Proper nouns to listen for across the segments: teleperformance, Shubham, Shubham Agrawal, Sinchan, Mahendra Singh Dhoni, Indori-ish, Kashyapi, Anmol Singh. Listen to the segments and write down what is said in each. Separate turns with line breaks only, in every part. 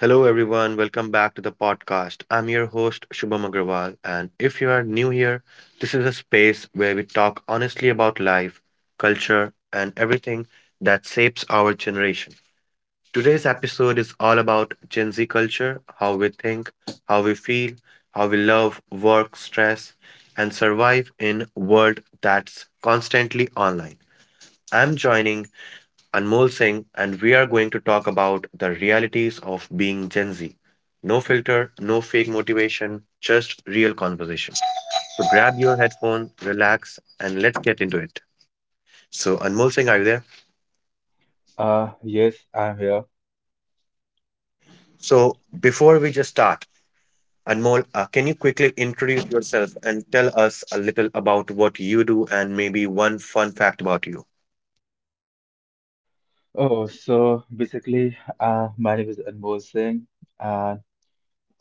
Hello, everyone. Welcome back to the podcast. I'm your host, Shubham Agrawal, and if you are new here, this is a space where we talk honestly about life, culture, and everything that shapes our generation. Today's episode is all about Gen Z culture, how we think, how we feel, how we love, work, stress, and survive in a world that's constantly online. I'm joining Anmol Singh, and we are going to talk about the realities of being Gen Z. No filter, no fake motivation, just real conversation. So grab your headphone, relax, and let's get into it. So, Anmol Singh, are you there?
Yes, I'm here.
So, before we just start, Anmol, can you quickly introduce yourself and tell us a little about what you do and maybe one fun fact about you?
Oh, so basically, my name is Anmol Singh, and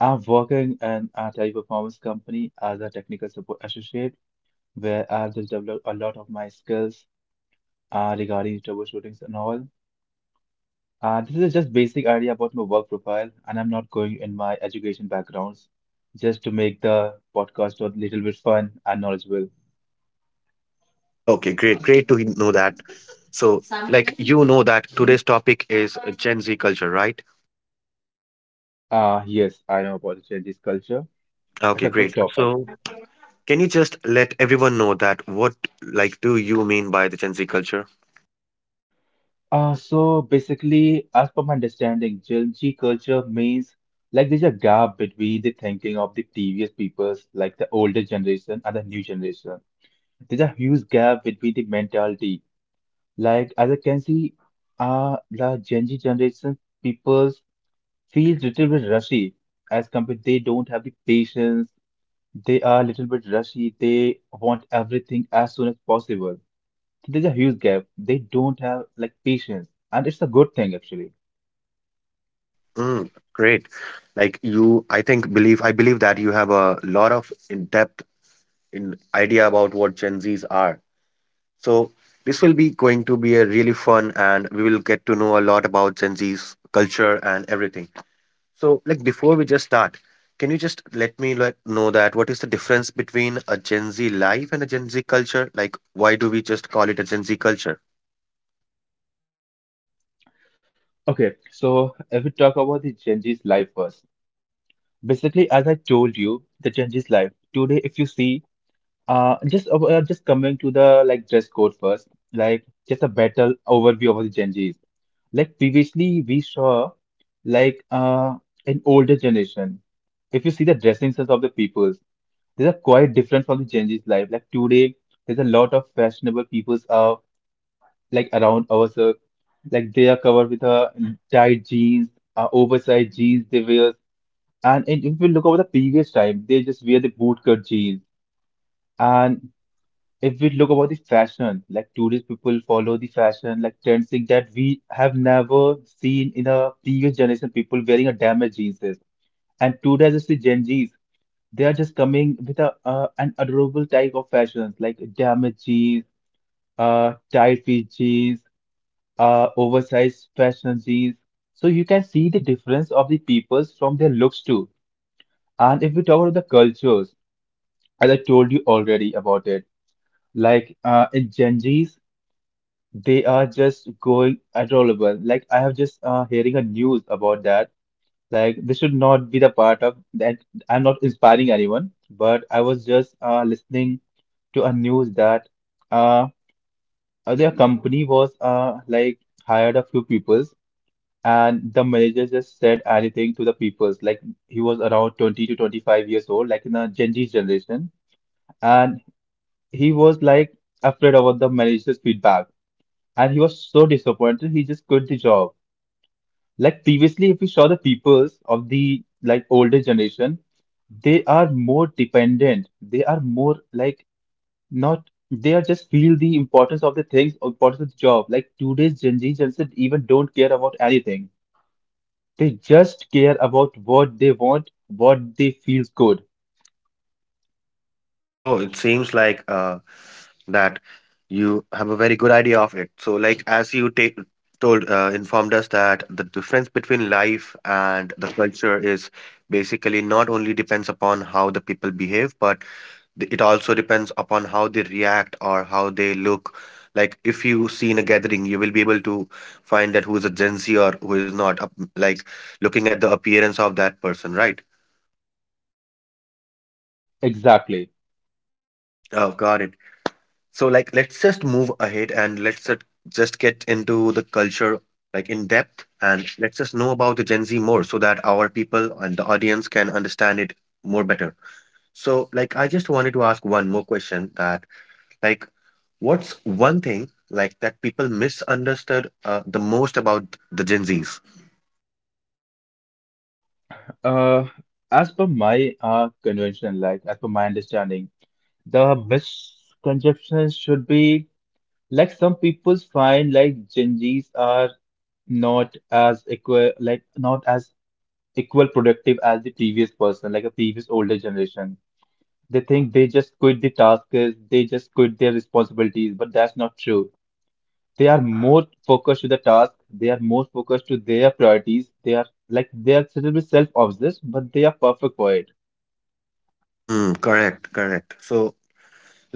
I'm working in a teleperformance company as a technical support associate, where I've just developed a lot of my skills regarding troubleshootings and all. This is just basic idea about my work profile, and I'm not going in my education backgrounds, just to make the podcast a little bit fun and knowledgeable.
Okay, great. Great to know that. So, like, you know that today's topic is Gen Z culture, right?
Yes, I know about the Chinese culture. It's
Okay,
a good
great.
topic.
So, can you just let everyone know that what like do you mean by the Gen Z culture?
So basically, as per my understanding, Gen Z culture means like there's a gap between the thinking of the previous peoples, like the older generation and the new generation. There's a huge gap between the mentality. Like as I can see, the Gen Z generation peoples feel little bit rushy as compared they don't have the patience. They are a little bit rushy. They want everything as soon as possible. So there's a huge gap. They don't have like patience, and it's a good thing actually.
Mm, great. Like you, I believe that you have a lot of in depth in idea about what Gen Zs are. So this will be going to be a really fun, and we will get to know a lot about Gen Z's culture and everything. So like before we just start, can you just let me let know that what is the difference between a Gen Z life and a Gen Z culture? Like why do we just call it a Gen Z culture?
Okay, so if we talk about the Gen Z's life first, basically, as I told you, the Gen Z's life today, if you see, just coming to the like dress code first, like just a battle overview of the Gen Z's. Like previously, we saw like an older generation. If you see the dressing sense of the peoples, there's a quite different from the Gen Z's life. Like today, there's a lot of fashionable peoples like around ourselves. Like they are covered with tight jeans, oversized jeans they wear. And if we look over the previous time, they just wear the bootcut jeans. And if we look about the fashion, like tourist people follow the fashion, like trends thing that we have never seen in a previous generation people wearing a damaged jeans. And today, as the Gen Zs, they are just coming with a an adorable type of fashions like damaged jeans, tight fit jeans oversized fashion jeans. So you can see the difference of the peoples from their looks too. And if we talk about the cultures, as I told you already about it, like in Gen Zs, they are just going adorable. Like I have just hearing a news about that. Like this should not be the part of that. I'm not inspiring anyone, but I was just listening to a news that uh, their company was like hired a few people. And the manager just said anything to the peoples. Like he was around 20 to 25 years old, like in a Gen Z generation. And he was like afraid about the manager's feedback. And he was so disappointed, he just quit the job. Like previously, if we saw the peoples of the like older generation, they are more dependent. They are more like not, they are just feel the importance of the things, importance of the job. Like today's Gen Z generation even don't care about anything. They just care about what they want, what they feels good.
Oh, it seems like that you have a very good idea of it. So, like as you take told informed us that the difference between life and the culture is basically not only depends upon how the people behave, but it also depends upon how they react or how they look. Like if you see in a gathering, you will be able to find that who is a Gen Z or who is not. Like looking at the appearance of that person, right?
Exactly.
Oh, got it. So like let's just move ahead and let's just get into the culture like in depth and let's just know about the Gen Z more so that our people and the audience can understand it more better. So like I just wanted to ask one more question that like what's one thing like that people misunderstood the most about the Gen Zs?
Uh, as per my convention, like as per my understanding, the misconception should be like some people find like Gen Zs are not as equal, like not as equal productive as the previous person, like a previous older generation. They think they just quit the tasks, they just quit their responsibilities, but that's not true. They are more focused to the task, they are more focused to their priorities. They are like they are little bit self-obsessed, but they are perfect for it.
Mm, correct, correct. So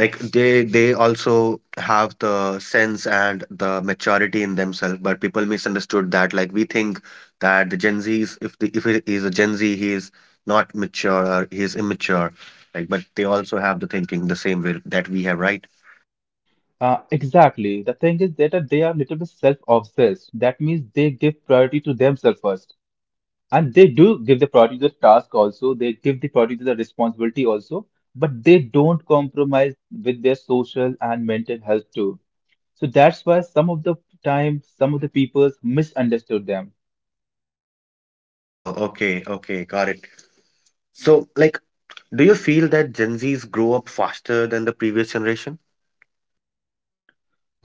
like they also have the sense and the maturity in themselves, but people misunderstood that. Like we think that the Gen Zs, if he is a Gen Z, he is not mature or he is immature. Like, but they also have the thinking the same way that we have, right?
Exactly, the thing is that they are little bit self-obsessed, that means they give priority to themselves first, and they do give the priority to the task also, they give the priority to the responsibility also, but they don't compromise with their social and mental health too. So that's why some of the time some of the peoples misunderstood them.
Oh, okay, okay, got it. So, like, do you feel that Gen Zs grow up faster than the previous generation?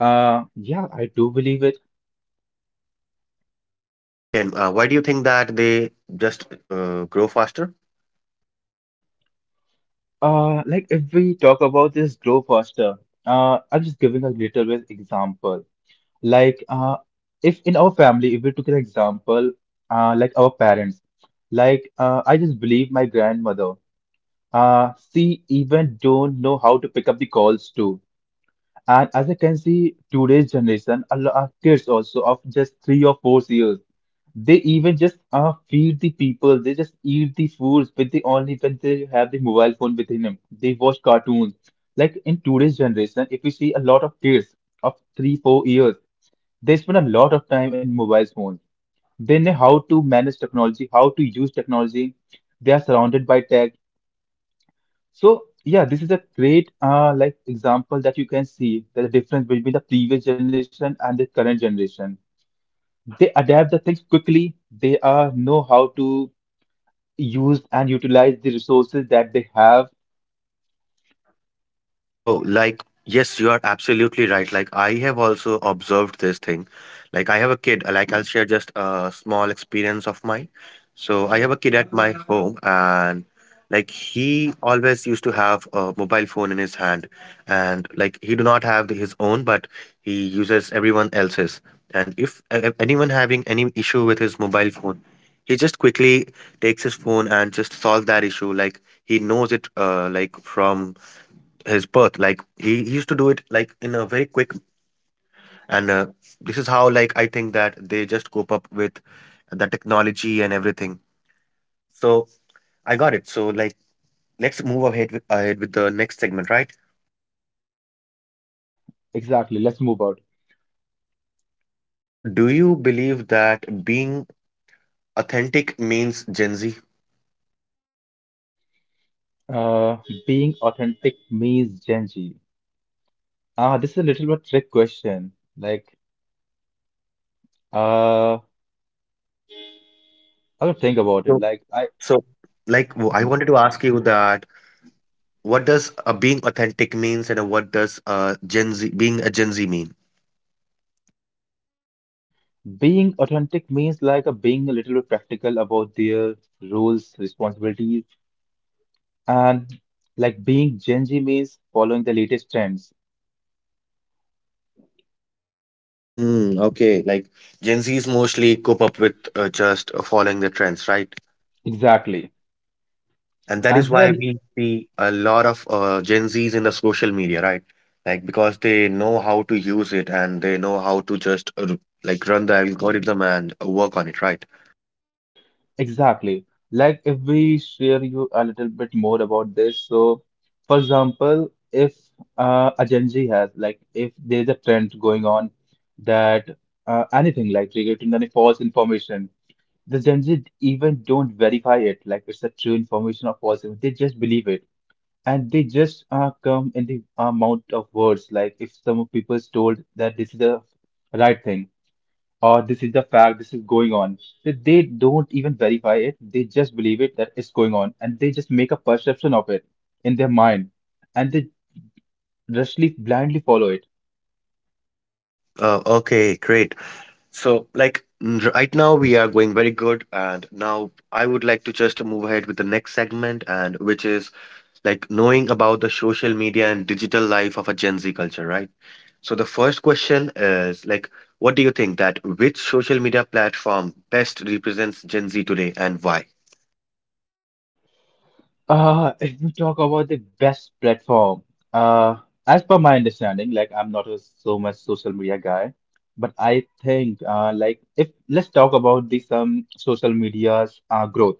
Yeah, I do believe it.
Okay, and why do you think that they just grow faster?
Like if we talk about this grow faster, I'm just giving a little bit example. Like, uh, if in our family, if we took an example, like our parents, I just believe my grandmother, she even don't know how to pick up the calls too. And as I can see, today's generation, a lot of kids also of just 3 or 4 years, they even just feed the people. They just eat the foods with the only when they have the mobile phone within them. They watch cartoons. Like in today's generation, if you see a lot of kids of three, 4 years, they spend a lot of time in mobile phones. They know how to manage technology, how to use technology. They are surrounded by tech. So yeah, this is a great like example that you can see the difference between the previous generation and the current generation. They adapt the things quickly. They know how to use and utilize the resources that they have.
Oh, like, yes, you are absolutely right. Like, I have also observed this thing. Like, I have a kid. Like, I'll share just a small experience of mine. So, I have a kid at my home, and like, he always used to have a mobile phone in his hand. And like, he do not have his own, but he uses everyone else's. And if anyone having any issue with his mobile phone, he just quickly takes his phone and just solve that issue. Like, he knows it, like, from his birth. Like he used to do it like in a very quick and this is how like I think that they just cope up with the technology and everything. So I got it. So like let's move ahead with the next segment, right?
Exactly. Let's move on.
Like, do you believe that being authentic means Gen Z?
Uh, Being authentic means Gen Z. Ah, this is a little bit trick question. Like, uh, I will think about it.
So
Like, I
so like I wanted to ask you that what does being authentic means and what does Gen Z being a Gen Z mean?
being authentic means like a being a little bit practical about their roles, responsibilities. And like being Gen Z means following the latest trends.
Mm, okay, like Gen Zs mostly cope up with just following the trends, right?
Exactly.
And that is
And
why
then,
we see a lot of Gen Zs in the social media, right? Like because they know how to use it and they know how to just like run the algorithm and work on it, right?
exactly. Like if we share you a little bit more about this. So, for example, if a Gen Z has, like, if there's a trend going on that anything like relating any false information, the Gen Z even don't verify it, like it's a true information or false. They just believe it. And they just come in the amount of words. Like if some people's told that this is the right thing or this is the fact, this is going on, that they don't even verify it. They just believe it that it's going on, and they just make a perception of it in their mind, and they rushly blindly follow it.
Okay, great. So, like mm, right now, we are going very good, and now I would like to just move ahead with the next segment, and which is like knowing about the social media and digital life of a Gen Z culture, right? So the first question is like, what do you think that which social media platform best represents Gen Z today and why?
If we talk about the best platform, uh, as per my understanding, like I'm not a so much social media guy, but I think, like if let's talk about the some social media's growth.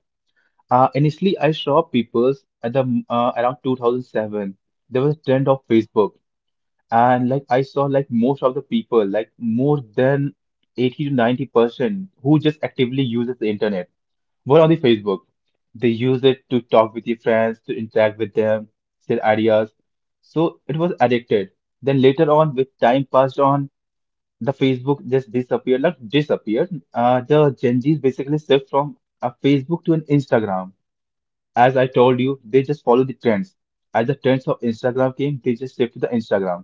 Initially I saw people's at the around 2007 there was a trend of Facebook, and like I saw like most of the people, like more than 80 to 90% who just actively uses the internet were on the Facebook. They use it to talk with your friends, to interact with them, share ideas. So it was addicted. Then later on, with time passed on, the Facebook just disappeared, not disappeared. The Gen Zs basically shift from a Facebook to an Instagram. As I told you, they just follow the trends. As the trends of Instagram came, they just shift to the Instagram.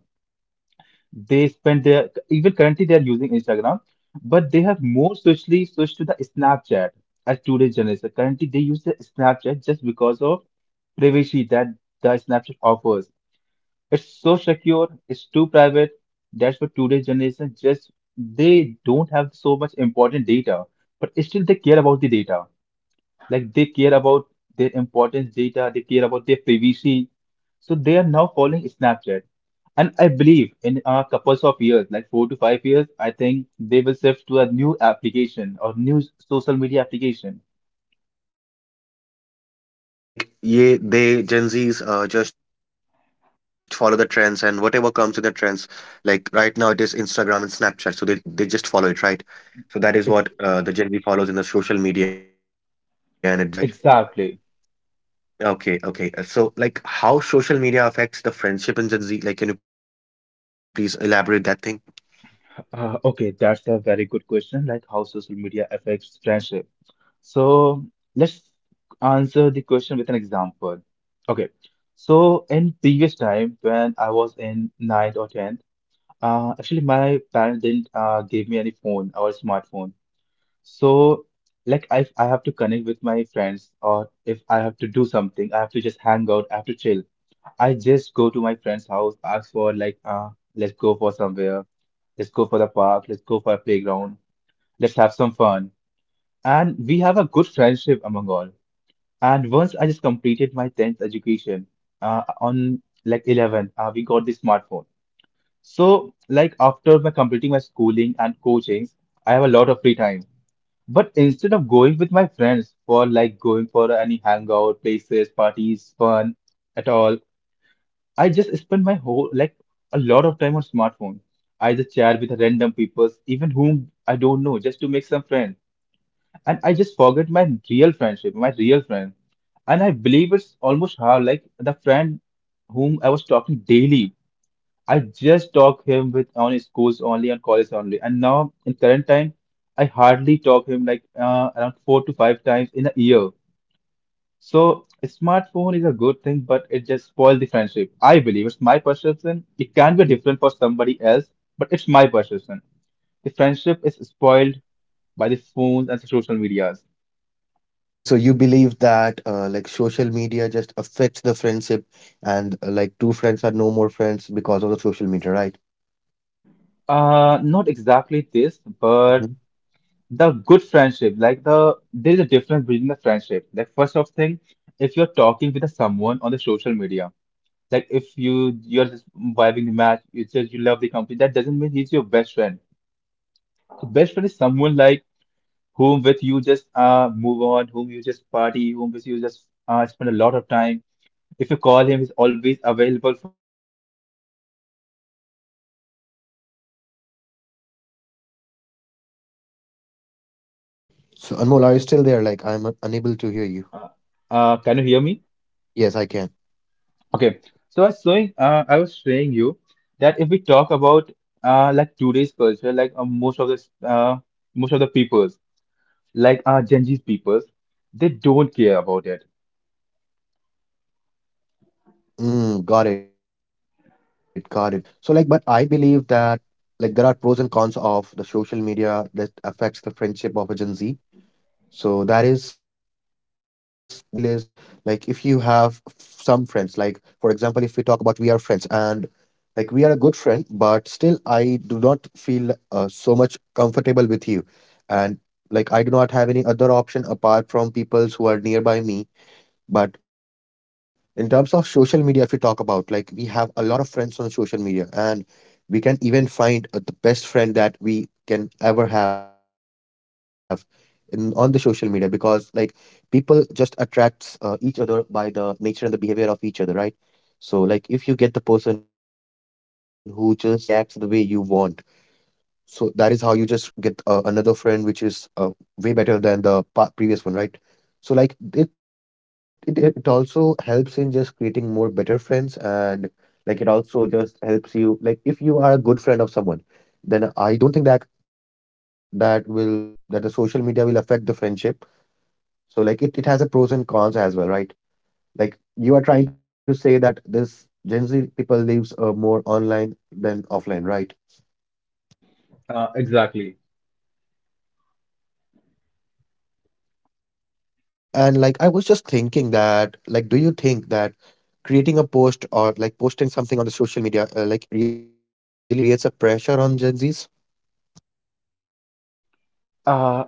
They spend their even currently they are using Instagram, but they have more socially switched to the Snapchat as today's generation. Currently they use the Snapchat just because of privacy that the Snapchat offers. It's so secure, it's too private. That's what today's generation just they don't have so much important data, but still they care about the data. Like they care about their importance data, they care about their privacy. So they are now following Snapchat. And I believe in a couple of years, like 4 to 5 years, I think they will shift to a new application or new social media application.
Like, yeah, they Gen Zs just follow the trends and whatever comes with the trends. Like right now, it is Instagram and Snapchat, so they just follow it, right? So that is what
Ex
the Gen Z follows in the social media and its digital life, right?
exactly.
Okay, okay. So, like, how social media affects the friendship in Gen Z? Like, can you please elaborate that thing?
Okay, that's a very good question, like how social media affects friendship. So let's answer the question with an example. Okay, so in previous time when I was in ninth or 10th, actually, my parents didn't give me any phone or smartphone. So, like, if I have to connect with my friends or if I have to do something, I have to just hang out, I have to chill. I just go to my friend's house, ask for, let's go for somewhere, let's go for the park, let's go for a playground, let's have some fun. And we have a good friendship among all. And once I just completed my 10th education, on like 11, we got the smartphone. So, like after my completing my schooling and coaching, I have a lot of free time. But instead of going with my friends for like going for any hangout places, parties, fun at all, I just spend my whole like a lot of time on smartphone. I just chat with random people, even whom I don't know, just to make some friends. And I just forget my real friendship, my real friend. And I believe it's almost how like the friend whom I was talking daily, I just talk him with on schools only on college only. And now in current time, I hardly talk him like around four to five times in a year. So a smartphone is a good thing, but it just spoils the friendship. I believe it's my perception. It can be different for somebody else, but it's my perception. The friendship is spoiled by the phones and social medias.
Okay, so you believe that like social media just affects the friendship and like two friends are no more friends because of the social media, right?
Not exactly this, but
Hmm.
the good friendship like there is a difference between the friendship like first of thing if you're talking with someone on the social media like if you're just vibing the match you just you love the company, that doesn't mean he's your best friend. So best friend is someone like whom with you just move on, whom you just party, whom with you just spend a lot of time. If you call him, he's always available for you, who just care for you. This is mean of the friendship. And if you talk about something, you're talking,
So Anmol, are you still there? Like I'm unable to hear you.
can you hear me?
Yes, I can.
Okay, so I was saying you that if we talk about like today's culture, like most of most of the peoples, like Gen Z peoples, they don't care about it.
Mm, got it, got it. So like, but I believe that like there are pros and cons of the social media that affects the friendship of a Gen Z. So that is what I feel is like if you have some friends, like for example, if we talk about we are friends and like we are a good friend, but still I do not feel so much comfortable with you, and like I do not have any other option apart from peoples who are nearby me but in terms of social media, if you talk about, like, we have a lot of friends on social media, and we can even find the best friend that we can ever have in on the social media because, like, people just attracts each other by the nature and the behavior of each other, right? So, like, if you get the person who just reacts the way you want, so that is how you just get another friend, which is way better than the pa previous one, right? So like it also helps in just creating more better friends, and like it also just helps you like if you are a good friend of someone, then I don't think that that will that the social media will affect the friendship. So like it has a pros and cons as well, right? Like you are trying to say that this Gen Z people lives more online than offline, right?
Exactly.
Okay, and like I was just thinking that, like, do you think that creating a post or like posting something on the social media like really creates a pressure on Gen Zs?
Uh,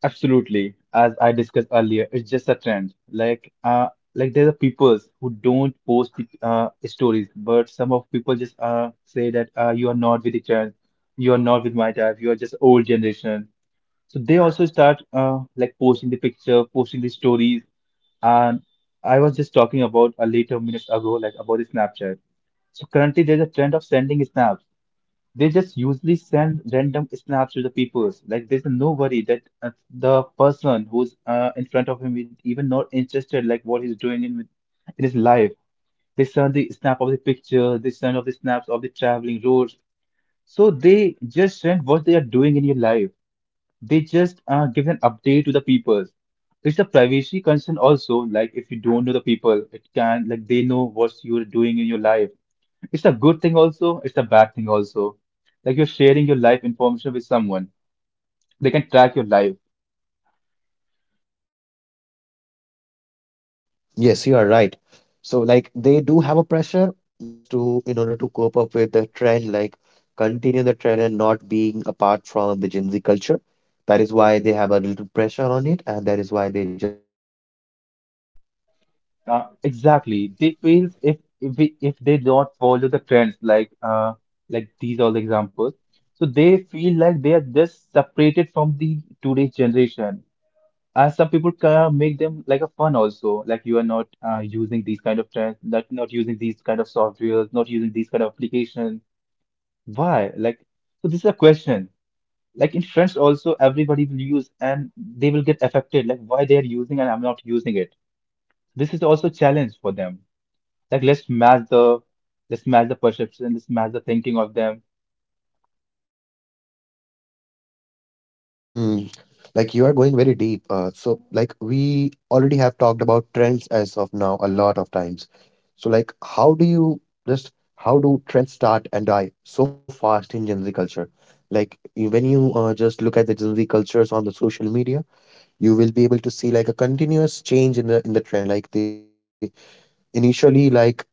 Absolutely. As I discussed earlier, it's just a trend. Like there are peoples who don't post the stories, but some of people just say that you are not with the trend, you are not with my type, you are just old generation. So they also start like posting the picture, posting the stories. And I was just talking about a later minutes ago, like about the Snapchat. So currently there's a trend of sending snaps. They just usually send random snaps to the peoples. Like there's no worry that the person who's in front of him is even not interested like what in his life. They send the snap of the picture, they send of the snaps of the traveling roads. So they just send what they are doing in your life. They just give an update to the people. It's a privacy concern also. Like if you don't know the people, it can like they know what you're doing in your life. It's a good thing also. It's a bad thing also. Like you're sharing your life information with someone. They can track your life.
Yes, you are right. So like they do have a pressure, but like just to in order to cope up with the trend, like continue the trend and not being apart from the Gen Z culture. That is why they have a little pressure on it, and that is why they just keep posting things, right?
Exactly. They feel if they don't follow the trends like these are the examples. So they feel like they are just separated from the today's generation. Some people make them like a fun also, like you are not using these kind of trends, not using these kind of softwares, not using these kind of applications. Why? Like, so this is a question. Like in French also, everybody will use and they will get affected. Like why they are using and I'm not using it. This is also challenge for them. Like let's match the perception, let's match the thinking of them.
Mm, like you are going very deep. So like we already have talked about trends as of now a lot of times. So like just how do trends start and die so fast in Gen Z culture? Like when you just look at the Gen Z cultures on the social media, you will be able to see like a continuous change in the trend. Like they initially like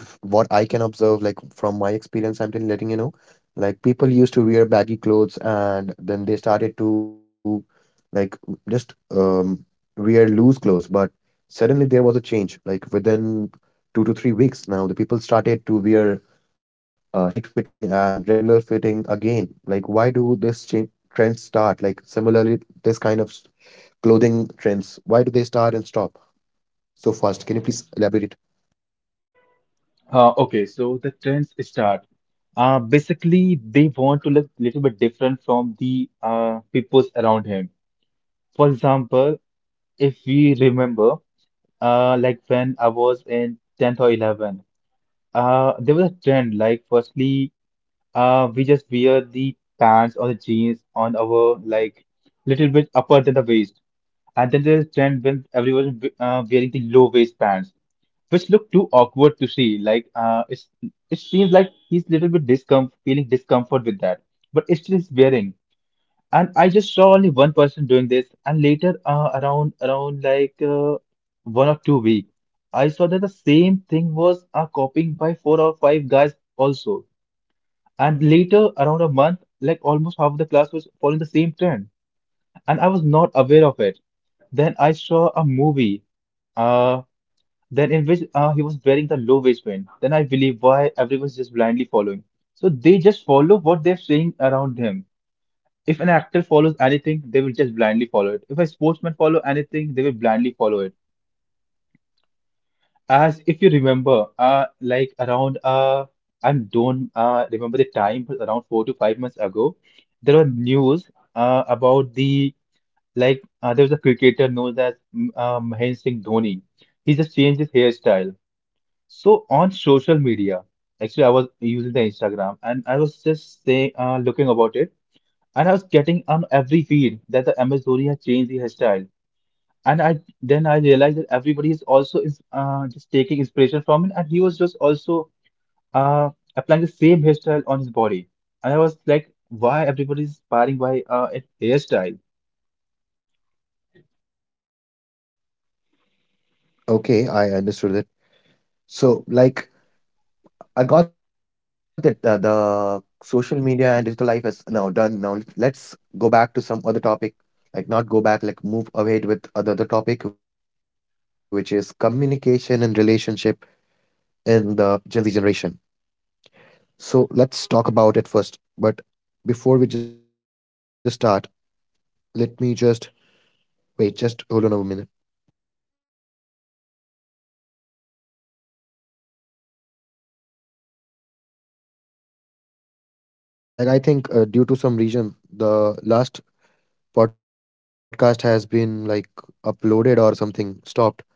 if what I can observe like from my experience I'm telling letting you know like people used to wear baggy clothes and then they started to like just wear loose clothes, but suddenly there was a change like within 2 to 3 weeks now the people started to wear tight fitting and regular fitting again. Like why do this change trends start, like similarly this kind of clothing trends, why do they start and stop so fast? Can you please elaborate it?
Okay, so the trends start. Basically, they want to look a little bit different from the peoples around him. For example, if we remember, like when I was in 10th or 11. There was a trend like firstly, we just wear the pants or the jeans on our like little bit upper than the waist, and then there's trend when wearing the low waist pants, which look too awkward to see. It seems like he's little bit discom feeling discomfort with that, but it's still he's wearing. And I just saw only one person doing this, and later, around around like 1 or 2 weeks, I saw that the same thing was copying by 4 or 5 guys also. And later, around a month, like almost half of the class was following the same trend, and I was not aware of it. Then I saw a movie, uh, then in which he was wearing the low waistband. Then I believe why everyone's just blindly following. So they just follow what they're seeing around him. If an actor follows anything, they will just blindly follow it. If a sportsman follow anything, they will blindly follow it. As if you remember, like around I don't remember the time, but around 4 to 5 months ago, there were news about there was a cricketer known as Mahendra Singh Dhoni. He just changed his hairstyle. So on social media, actually, I was using the Instagram and I was just saying, looking about it. And I was getting on every feed that the MS Dhoni has changed the hairstyle. And I then I realized that everybody is also is just taking inspiration from him, and he was just also uh, applying the same hairstyle on his body. And I was like, why everybody is inspiring by a hairstyle?
Okay, I understood that. So, like, I got that the social media and digital life is now done. Now, let's go back to some other topic, like not go back, like move ahead with other the topic, which is communication and relationship in the Gen Z generation. So, let's talk about it first. But before we just start, let me just wait, just hold on a minute. Like, I think due to some reason, the last podcast has been uploaded or something stopped.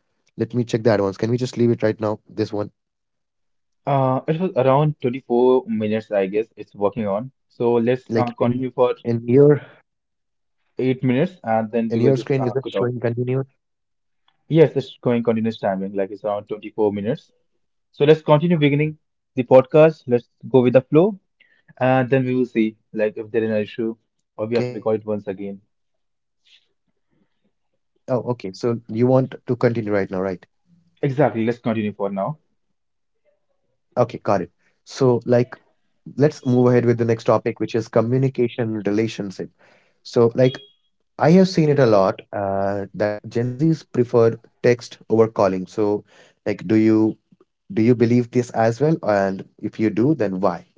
Let me check the advance. Can we just leave it right now? This one,
It was around 24 minutes, I guess. It's working on. So let's
like
continue
in
for
in your
8 minutes, and then we will
in
just
your screen,
cut
is it
off.
showing continue?
Yes, it's going continuous timing, like it's around 24 minutes. So let's continue beginning the podcast. Let's go with the flow, and then we will see like if there is an issue or we have to
Okay.
record it once again.
Oh, okay. So you want to continue right now, right?
Exactly. Let's continue for now.
Okay, got it. So like, let's move ahead with the next topic, which is communication relationship. So like, I have seen it a lot that Gen Zs prefer text over calling. So like, do you believe this as well? And if you do, then why?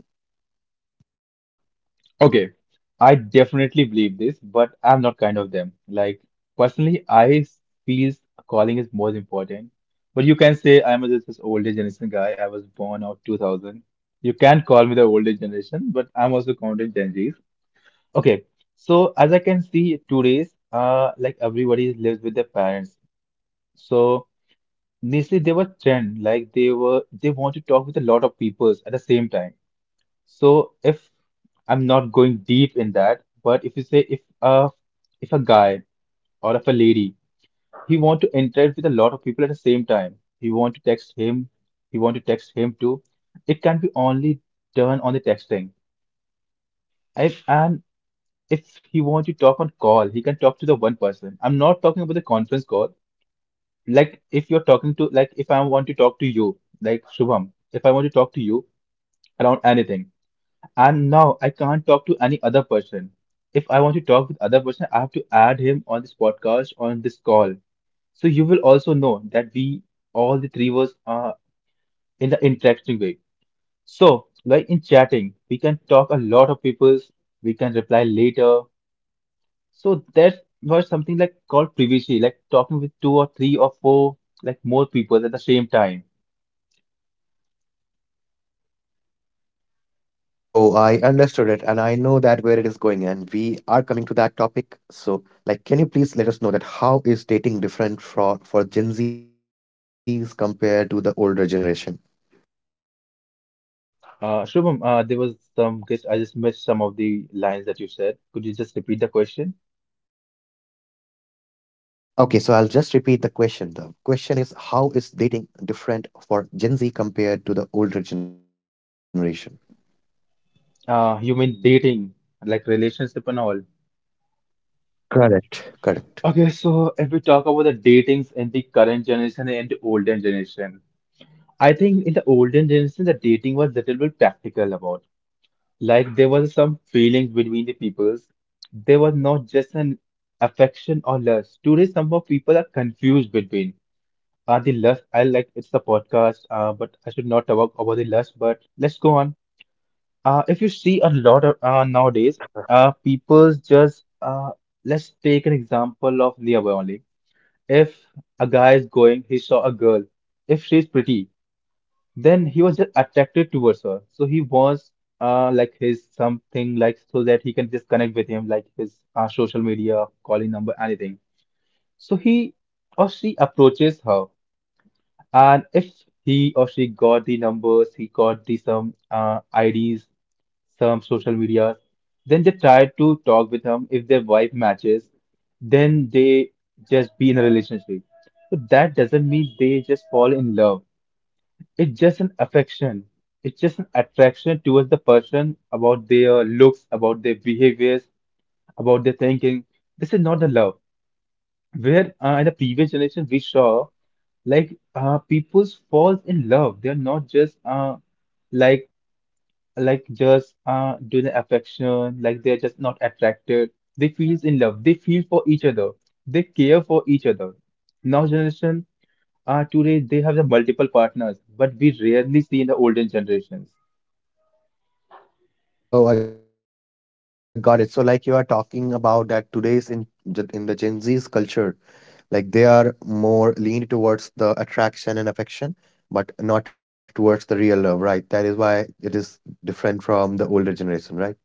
Okay. I definitely believe this, but I'm not kind of them. Like personally, feels calling is more important. But you can say I'm a just this older generation guy. I was born out 2000. You can call me the older generation, but I'm also counted Gen Zs. Okay. So as I can see, today's like everybody lives with their parents. So initially they were trend, like they were they want to talk with a lot of peoples at the same time. So if I'm not going deep in that, but if you say if a guy or if a lady, he want to interact with a lot of people at the same time. He want to text him, he want to text him too. It can be only done on the texting. If, and if he want to talk on call, he can talk to the one person. I'm not talking about the conference call. Like if you're talking to like if I want to talk to you, like Shubham, if I want to talk to you around anything, and now I can't talk to any other person. If I want to talk with other person, I have to add him on this podcast, on this call. So you will also know that we all the three was in the interacting way. So like in chatting, we can talk a lot of people's, we can reply later. So that was something like called privacy, like talking with 2 or 3 or 4 like more people at the same time.
Oh, I understood it, and I know that where it is going, and we are coming to that topic. So, like, can you please let us know that how is dating different for Gen Zs compared to the older generation?
Shubham, there was some guess. I just missed some of the lines that you said. Could you just repeat the question?
Okay, so I'll just repeat the question. The question is, how is dating different for Gen Z compared to the older generation?
You mean dating, like relationship and all?
Correct. Correct.
Okay, so if we talk about the datings in the current generation and the olden generation, I think in the olden generation the dating was little bit practical about. Like there was some feelings between the peoples. There was not just an affection or lust. Today, some of people are confused between. The lust, I like it's the podcast, but I should not talk about the lust, but let's go on. If you see a lot of nowadays, people's just let's take an example of Nia Boy only. If a guy is going, he saw a girl, if she's pretty, then he was just attracted towards her. So he wants like his something like so that he can just connect with him, like his social media, calling number, anything. So he or she approaches her. And if he or she got the numbers, he got the some IDs, some social media, then they try to talk with him. If their vibe matches, then they just be in a relationship. But that doesn't mean they just fall in love. It's just an affection. It's just an attraction towards the person about their looks, about their behaviors, about their thinking. This is not a love. Where in the previous generations we saw people falls in love. They're not just like doing the affection. Like they're just not attracted. They feels in love. They feel for each other. They care for each other. Now generation today they have the multiple partners, but we rarely see in the olden generations.
Oh, I got it. So, like, you are talking about that today's in the Gen Z's culture, like they are more leaned towards the attraction and affection, but not towards the real love, right? That is why it is different from the older generation, right?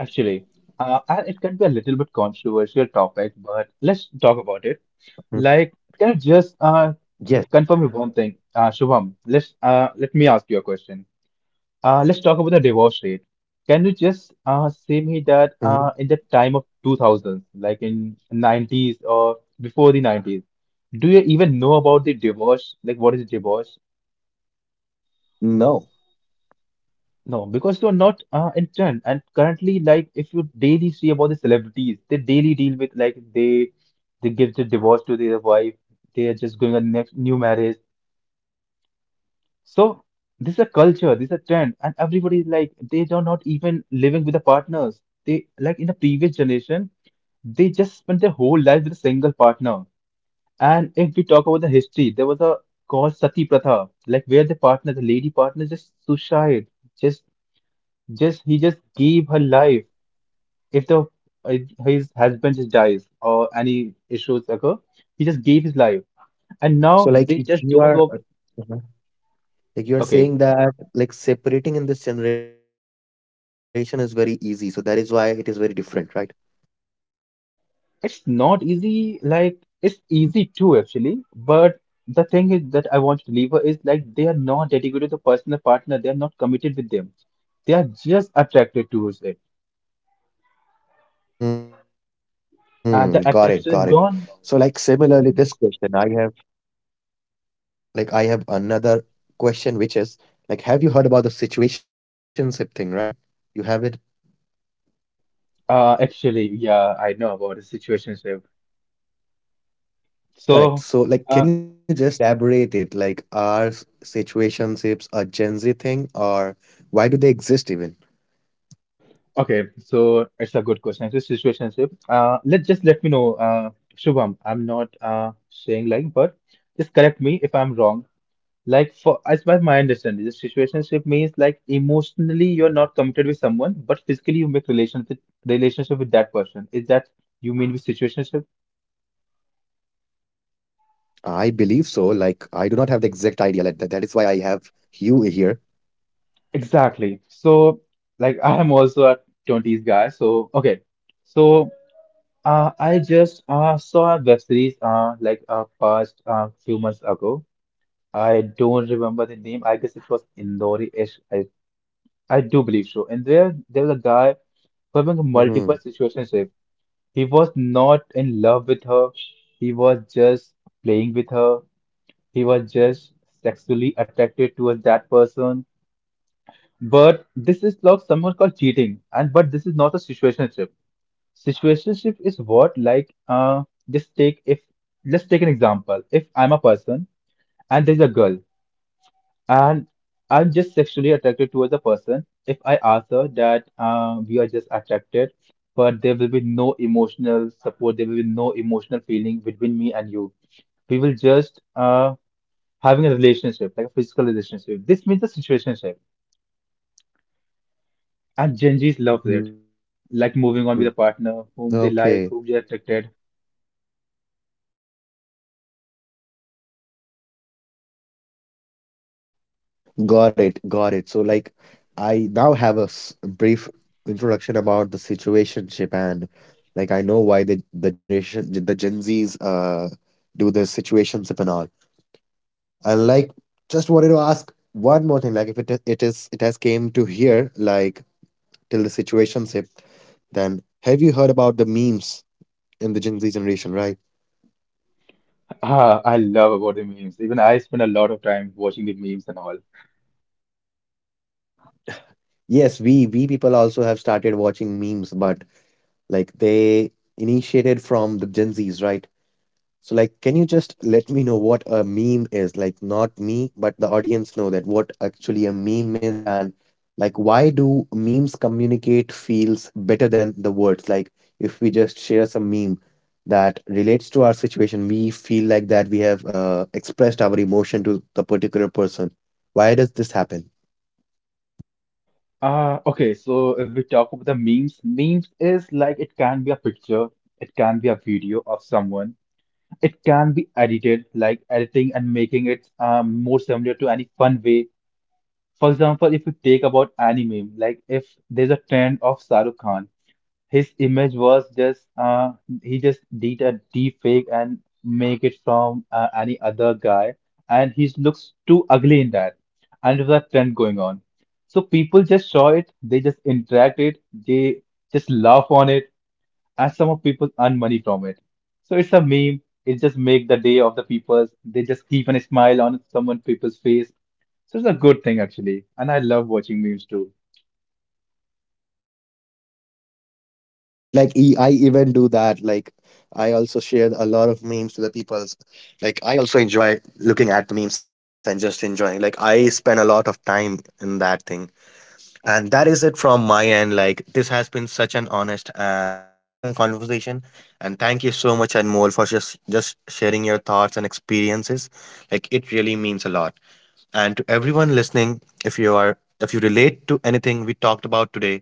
Actually, and it can be a little bit controversial topic, but let's talk about it.
Mm.
Like, can you just
Yes.
confirm with one thing? Shubham, let me ask you a question. Let's talk about the divorce rate. Can you just say me that
Hmm.
in the time of 2000s, like in 90s or before the 90s, do you even know about the divorce? Like, what is divorce?
No.
No, because you're not in trend. And currently, like, if you daily see about the celebrities, they daily deal with like they give the divorce to their wife. They are just going on next new marriage. So this is a culture, this is a trend, and everybody is like they are not even living with the partners. They like in the previous generation, they just spent their whole life with a single partner. And if we talk about the history, there was a called sati pratha, like where the partner, the lady partner, just suicide, just just he just gave her life. If the if his husband just dies or any issues occur, he just gave his life. And now they just don't
Yes.
work.
So like if you are mhm,
Okay,
like you're saying that like separating in this generation is very easy. So that is why it is very different, right?
it's not easy, like it's easy too actually, but the thing is that I want to deliver is like they are not dedicated to personal partner, they are not committed with them. They are just attracted towards it. And
Mm,
the
got it,
attraction is
got it.
gone.
So like similarly, this question I have. Like I have another question, which is like, have you heard about the situationship thing, right? You have it?
Actually, yeah, I know about the situationship. So
Correct. So,
uh
like, can you just elaborate it? Like, are situationships a Gen Z thing, or why do they exist even?
okay, so it's a good question. It's a situationship. Let me know, Shubham, I'm not saying like, but just correct me if I'm wrong. Like for as by my understanding, the situationship means like emotionally you're not committed with someone, but physically you make relations with relationship with that person. Is that you mean with situationship?
I believe so. Like, I do not have the exact idea. Like that. That is why I have you here.
Exactly. So like I am also a 20s guy, so okay. So I just saw a web series past few months ago. I don't remember the name. I guess it was Indori-ish. I do believe so. And there was a guy having multiple
Mm-hmm.
situations. He was not in love with her. He was just playing with her. He was just sexually attracted towards that person. But this is like someone called cheating. And but this is not a situationship. Situationship is what like just take if let's take an example. If I'm a person and there's a girl and I'm just sexually attracted towards a person. If I ask her that we are just attracted, but there will be no emotional support, there will be no emotional feeling between me and you. We will just having a relationship, like a physical relationship. This means a situationship, and Gen Zs love it. Like moving on with a partner whom they like,
Okay.
whom they're attracted.
Got it, got it. So, like, I now have a brief introduction about the situationship, and like, I know why the generation, the Gen Zs, do the situationship and all. And like, just wanted to ask one more thing. Like, if it has came to here, like, till the situationship, then have you heard about the memes in the Gen Z generation, right?
Ah, I love about the memes. Even I spend a lot of time watching the memes and all.
Yes, we people also have started watching memes, but like they initiated from the Gen Zs, right? So like, can you just let me know what a meme is? Like, not me, but the audience know that what actually a meme means, and like why do memes communicate feels better than the words? Like, if we just share some meme that relates to our situation, we feel like that we have expressed our emotion to the particular person. Why does this happen?
Okay, so if we talk about the memes, memes is like it can be a picture, it can be a video of someone, it can be edited, like editing and making it more similar to any fun way. For example, if you take about anime, like if there's a trend of Shahrukh Khan, his image was just he just did a deep fake and make it from any other guy, and he looks too ugly in that. And there's a trend going on, so people just saw it, they just interact it, they just laugh on it, and some of people earn money from it. So it's a meme. It just make the day of the people. They just keep a smile on someone people's face. So it's a good thing actually, and I love watching memes too.
Great. Like I even do that. Like I also share a lot of memes to the people. Like I also enjoy looking at the memes and just enjoying. Like I spend a lot of time in that thing. And that is it from my end. Like this has been such an honest and refreshing conversation. And thank you so much, Anmol, for just sharing your thoughts and experiences. Like it really means a lot. And to everyone listening, if you are if you relate to anything we talked about today,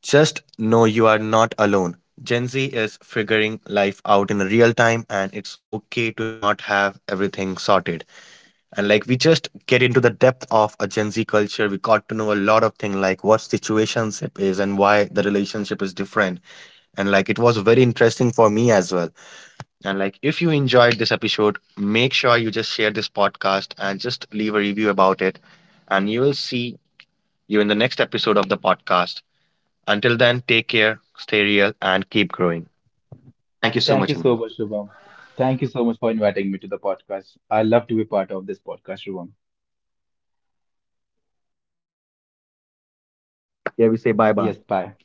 just know you are not alone. Gen Z is figuring life out in real time, and it's okay to not have everything sorted. And like we just get into the depth of a Gen Z culture, we got to know a lot of things like what situationship is and why the relationship is different. And like it was very interesting for me as well. And like if you enjoyed this episode, make sure you just share this podcast and just leave a review about it. And you will see you in the next episode of the podcast. Until then, take care, stay real, and keep growing. Thank you so
Thank
much,
you
Anmol.
so much, Shubham. Thank you so much for inviting me to the podcast. I love to be part of this podcast, Shubham.
Oh, great. Now, here we say bye bye.
Yes, bye.